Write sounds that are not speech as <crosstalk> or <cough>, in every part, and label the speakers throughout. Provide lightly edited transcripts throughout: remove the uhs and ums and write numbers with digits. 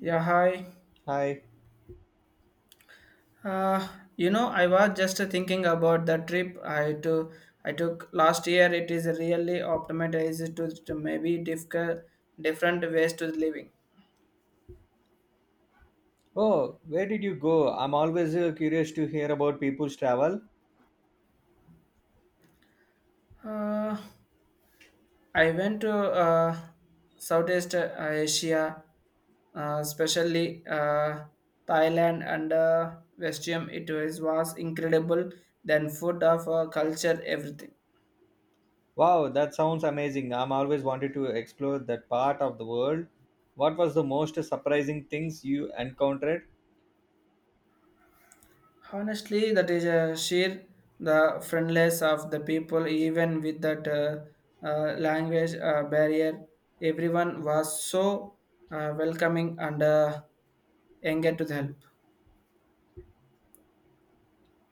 Speaker 1: Yeah, hi.
Speaker 2: Hi.
Speaker 1: Uh, I was just thinking about the trip I took. I took last year. It is really optimized to maybe difficult, different ways to living.
Speaker 2: Oh, where did you go? I'm always curious to hear about people's travel.
Speaker 1: Uh, I went to Southeast Asia, especially Thailand and Vietnam. It was incredible. Then food of culture, everything.
Speaker 2: Wow, that sounds amazing. I'm always wanted to explore that part of the world. What was the most surprising things you encountered?
Speaker 1: Honestly, that is a sheer the friendless of the people, even with that language barrier. Everyone was so welcoming and eager to help.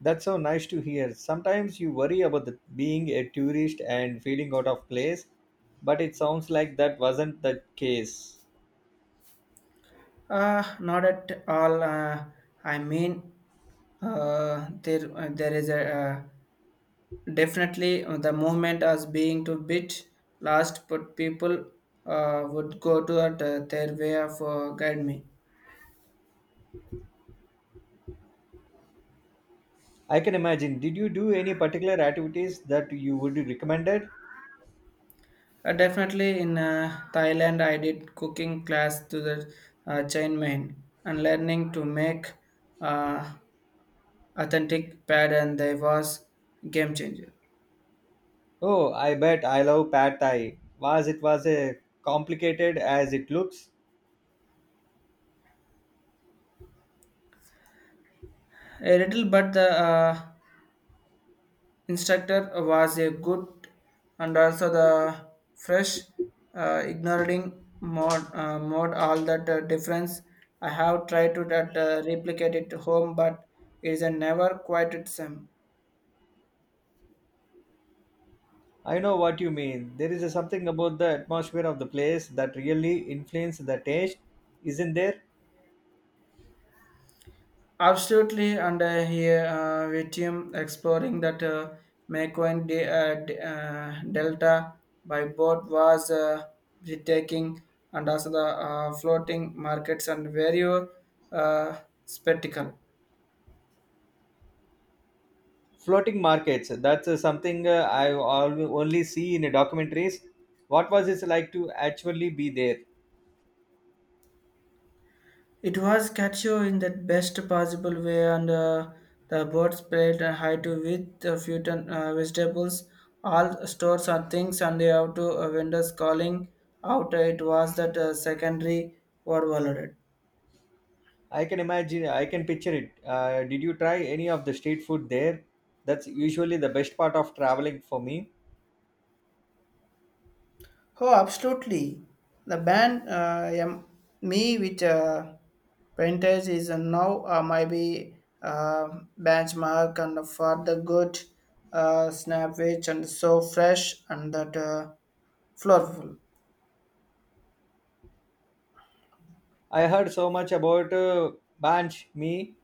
Speaker 2: That's so nice to hear. Sometimes you worry about the, being a tourist and feeling out of place, but it sounds like that wasn't the case.
Speaker 1: Not at all. I mean, there is a definitely the movement as being to bit last, but people would go to it, their way of guide me.
Speaker 2: I can imagine. Did you do any particular activities that you would recommended?
Speaker 1: Definitely in Thailand, I did cooking class to the chain main and learning to make uh, authentic pad and they was game changer.
Speaker 2: Oh, I bet I love pad thai. Was it was a complicated as it looks?
Speaker 1: A little, but the instructor was a good and also the fresh, ignoring mode all that difference. I have tried to that replicate it home, but it is a never quite the same.
Speaker 2: I know what you mean. There is a something about the atmosphere of the place that really influences the taste, isn't there?
Speaker 1: Absolutely, and here with exploring that Mekong Delta by boat was breathtaking, and also the floating markets and very uh, spectacle.
Speaker 2: Floating markets. That's something only see in documentaries. What was it like to actually be there?
Speaker 1: It was captured in the best possible way, and the boat spread and high to with the fruit and vegetables, all stores and things, and they have to vendors calling out. It was that secondary were valued.
Speaker 2: I can imagine. I can picture it. Did you try any of the street food there? That's usually the best part of traveling for me.
Speaker 1: Oh, absolutely. The band Me with Painters is now maybe benchmark and for the good snap which and so fresh and that flourful.
Speaker 2: I heard so much about Banch Me.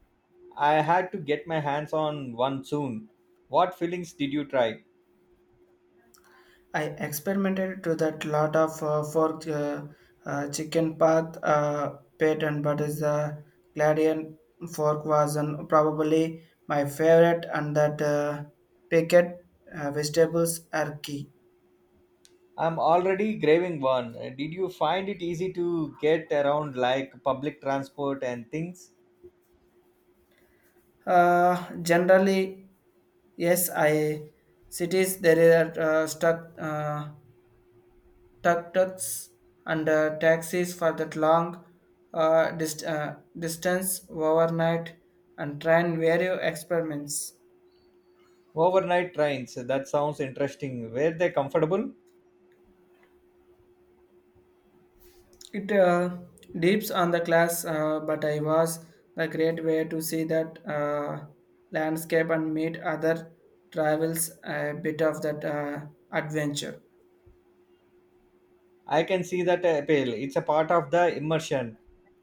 Speaker 2: I had to get my hands on one soon. What fillings did you try?
Speaker 1: I experimented to that lot of fork chicken path pattern, but is the Gladian fork was an, probably my favorite, and that packet vegetables are key.
Speaker 2: I'm already craving one. Did you find it easy to get around like public transport and things?
Speaker 1: Generally, yes, I cities there are stuck. Tuk tuks and taxis for that long distance overnight and try and various experiments.
Speaker 2: Overnight trains, that sounds interesting. Were they comfortable?
Speaker 1: It deeps on the class, but I was the great way to see that landscape and meet other travels a bit of that adventure.
Speaker 2: I can see that appeal. It's a part of the immersion.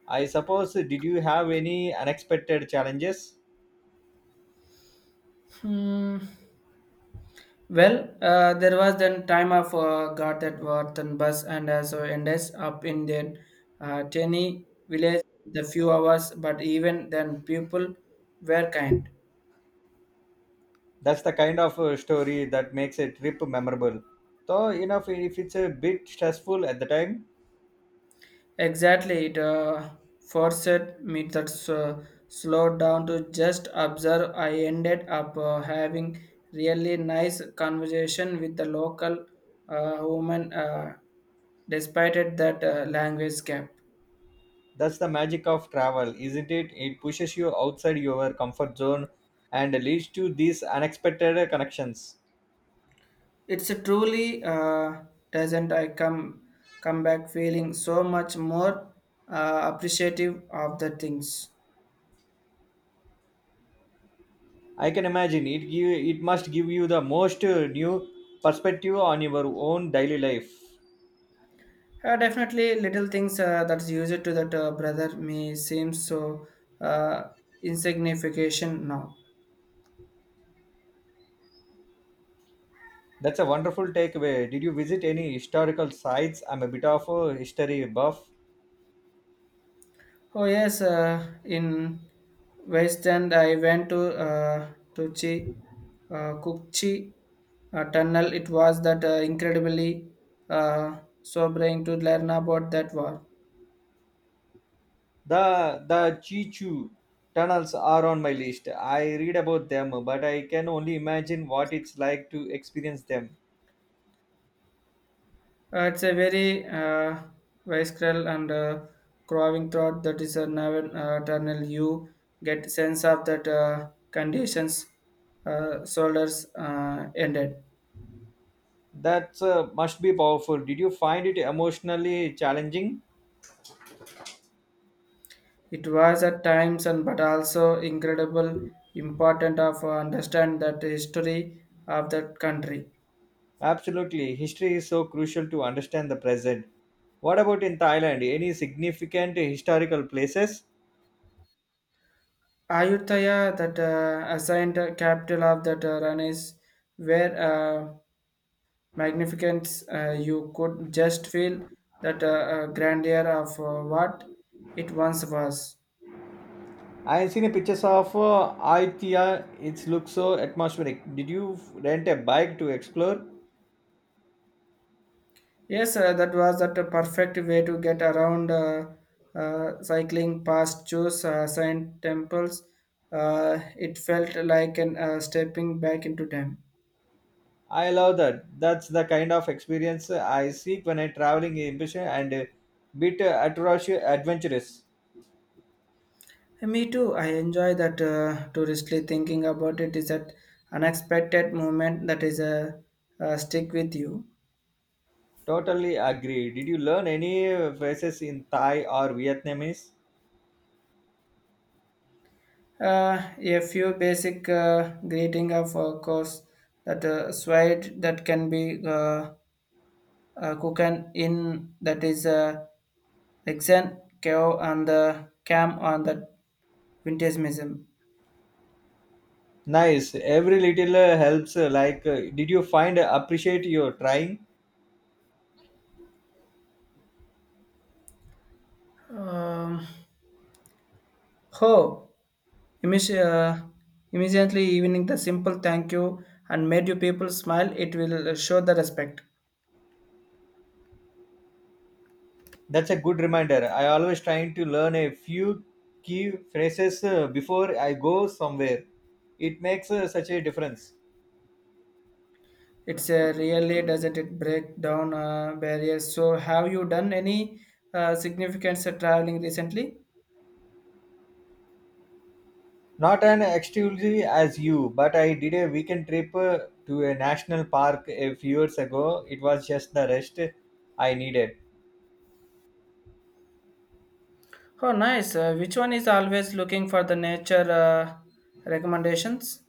Speaker 2: I suppose, did you have any unexpected challenges?
Speaker 1: Hmm. Well, there was then time of got that worth and bus and so ended up in the tiny village the few hours, but even then people were kind.
Speaker 2: That's the kind of story that makes a trip memorable, though enough if it's a bit stressful at the time.
Speaker 1: Exactly, it forced me that slowed down to just observe. I ended up having really nice conversation with the local woman, despite it that language gap.
Speaker 2: That's the magic of travel, isn't it? It pushes you outside your comfort zone and leads to these unexpected connections.
Speaker 1: It's a truly doesn't I come back feeling so much more appreciative of the things.
Speaker 2: I can imagine it give, It must give you the most new perspective on your own daily life.
Speaker 1: Definitely, little things that's used to that brother may seem so uh, insignificant now.
Speaker 2: That's a wonderful takeaway. Did you visit any historical sites? I'm a bit of a history buff.
Speaker 1: Oh yes, in West End I went to uh, to Kukchi tunnel. It was that incredibly sobering to learn about that war.
Speaker 2: The Chichu tunnels are on my list. I read about them, but I can only imagine what it's like to experience them.
Speaker 1: It's a very visceral and crowing thought that is a never eternal. You get sense of that conditions, soldiers ended.
Speaker 2: That must be powerful. Did you find it emotionally challenging?
Speaker 1: It was at times and but also incredible important of understand that history of that country.
Speaker 2: Absolutely. History is so crucial to understand the present. What about in Thailand? Any significant historical places?
Speaker 1: Ayutthaya, that assigned capital of that Ranis, were magnificence you could just feel that grandeur of what it once was.
Speaker 2: I've seen pictures of Ayutthaya. It looks so atmospheric. Did you rent a bike to explore?
Speaker 1: Yes, that was that a perfect way to get around cycling past choose saint temples, it felt like an stepping back into time.
Speaker 2: I love that. That's the kind of experience I seek when I traveling ambition and a bit atrocious adventurous.
Speaker 1: Me too, I enjoy that touristly thinking about it is that unexpected moment that is a stick with you.
Speaker 2: Totally agree. Did you learn any phrases in Thai or Vietnamese?
Speaker 1: A few basic greeting of course that swide that can be cooking in that is exen cow and the cam on the vintage museum.
Speaker 2: Nice. Every little helps. Like, did you find appreciate your trying?
Speaker 1: Um, Ho, imis- uh, immediately evening the simple thank you and made you people smile. It will show the respect.
Speaker 2: That's a good reminder. I always trying to learn a few key phrases before I go somewhere. It makes such a difference.
Speaker 1: It's really doesn't it break down barriers. So have you done any significant traveling recently?
Speaker 2: Not an exclusively as you, but I did a weekend trip to a national park a few years ago. It was just the rest I needed.
Speaker 1: Oh, nice. Which one is always looking for the nature recommendations?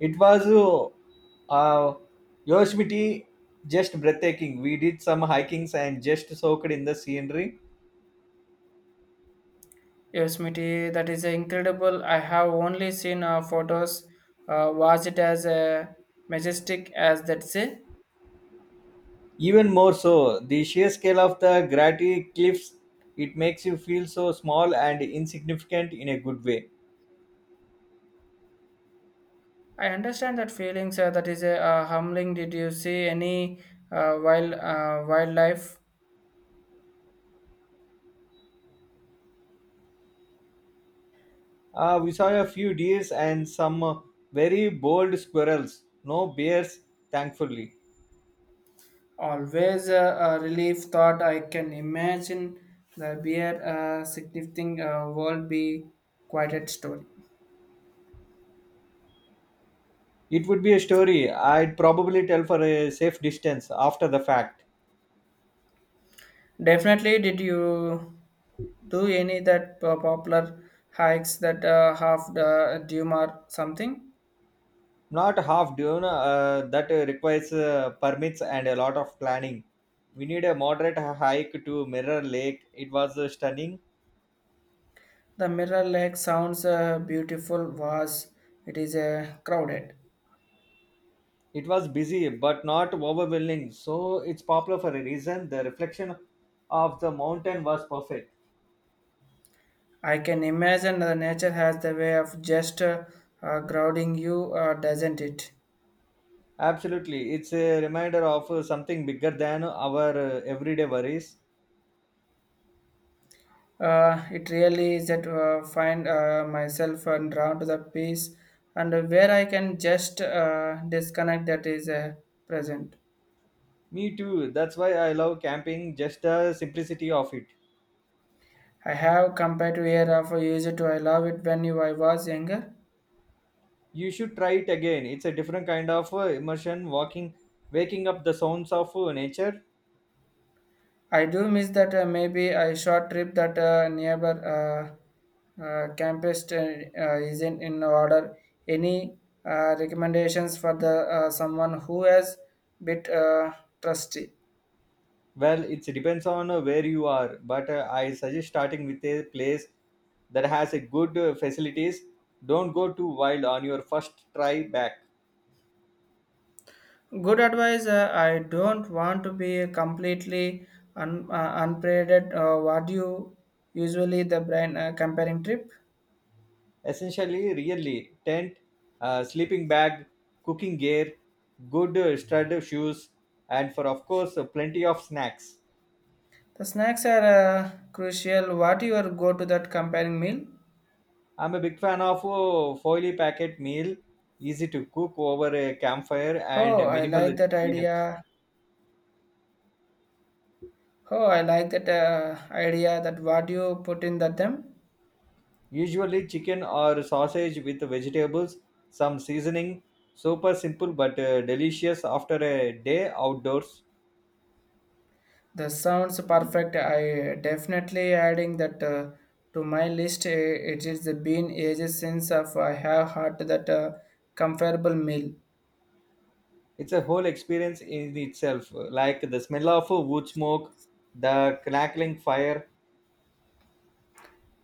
Speaker 2: It was uh, Yosemite, just breathtaking. We did some hikings and just soaked in the scenery.
Speaker 1: Yosemite, that is incredible. I have only seen photos. Was it as majestic as that say?
Speaker 2: Even more so, the sheer scale of the granite cliffs, it makes you feel so small and insignificant in a good way.
Speaker 1: I understand that feelings. That is a humbling. Did you see any wild wildlife?
Speaker 2: We saw a few deers and some very bold squirrels. No bears, thankfully.
Speaker 1: Always a relief thought I can imagine the beer significant world be quite a story.
Speaker 2: It would be a story I'd probably tell for a safe distance after the fact.
Speaker 1: Definitely, did you do any that popular hikes that have the dune or something?
Speaker 2: Not half dune, that requires permits and a lot of planning. We need a moderate hike to Mirror Lake. It was stunning.
Speaker 1: The Mirror Lake sounds beautiful, was it is crowded.
Speaker 2: It was busy, but not overwhelming. So it's popular for a reason. The reflection of the mountain was perfect.
Speaker 1: I can imagine the nature has the way of just grounding you, doesn't it?
Speaker 2: Absolutely. It's a reminder of something bigger than our everyday worries.
Speaker 1: It really is that find myself and drawn to the peace and where I can just disconnect that is present.
Speaker 2: Me too. That's why I love camping, just the simplicity of it.
Speaker 1: I have compared to year of a user to I love it when you I was younger.
Speaker 2: You should try it again. It's a different kind of immersion, walking, waking up the sounds of nature.
Speaker 1: I do miss that maybe a short trip that neighbor campus isn't in order. Any recommendations for the someone who has bit trusty?
Speaker 2: Well, it depends on where you are, but I suggest starting with a place that has a good facilities. Don't go too wild on your first try back.
Speaker 1: Good advice. I don't want to be completely unprepared. What do you usually the brain comparing trip?
Speaker 2: Essentially really tent, sleeping bag, cooking gear, good stud shoes, and for of course plenty of snacks.
Speaker 1: The snacks are crucial. What you are go to that comparing meal?
Speaker 2: I'm a big fan of foily packet meal, easy to cook over a campfire
Speaker 1: Oh,
Speaker 2: and
Speaker 1: I
Speaker 2: minimal
Speaker 1: like that
Speaker 2: cleanups.
Speaker 1: idea. Oh, I like that idea. That what you put in that them.
Speaker 2: Usually chicken or sausage with vegetables, some seasoning, super simple but delicious after a day outdoors.
Speaker 1: The sounds perfect. I definitely adding that to my list. Eh, it is the been ages since of I have had that comparable meal.
Speaker 2: It's a whole experience in itself, like the smell of wood smoke, the crackling fire.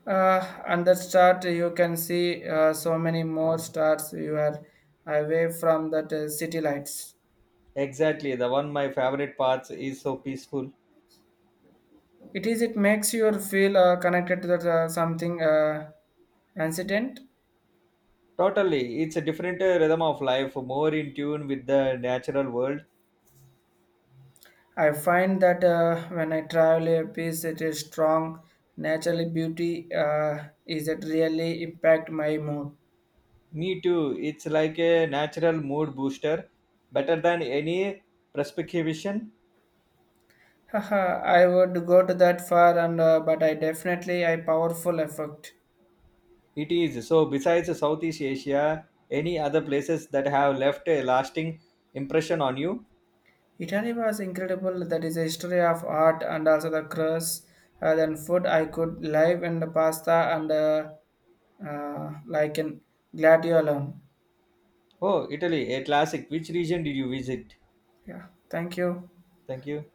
Speaker 1: And that start you can see so many more stars you are away from that city lights.
Speaker 2: Exactly, the one my favorite parts, is so peaceful.
Speaker 1: It is it makes you feel connected to that something incident.
Speaker 2: Totally, it's a different rhythm of life, more in tune with the natural world.
Speaker 1: I find that when I travel a piece, it is strong. Naturally, beauty is it really impact my mood.
Speaker 2: Me too, it's like a natural mood booster, better than any prescription.
Speaker 1: <laughs> Haha, I would go to that far, and but I definitely a powerful effect.
Speaker 2: It is so. Besides southeast asia, any other places that have left a lasting impression on you?
Speaker 1: Italy was incredible. That is a history of art and also the crust. Then food I could live in the pasta and like in gladiolum.
Speaker 2: Oh italy, a classic. Which region did you visit?
Speaker 1: Yeah, thank you.
Speaker 2: Thank you.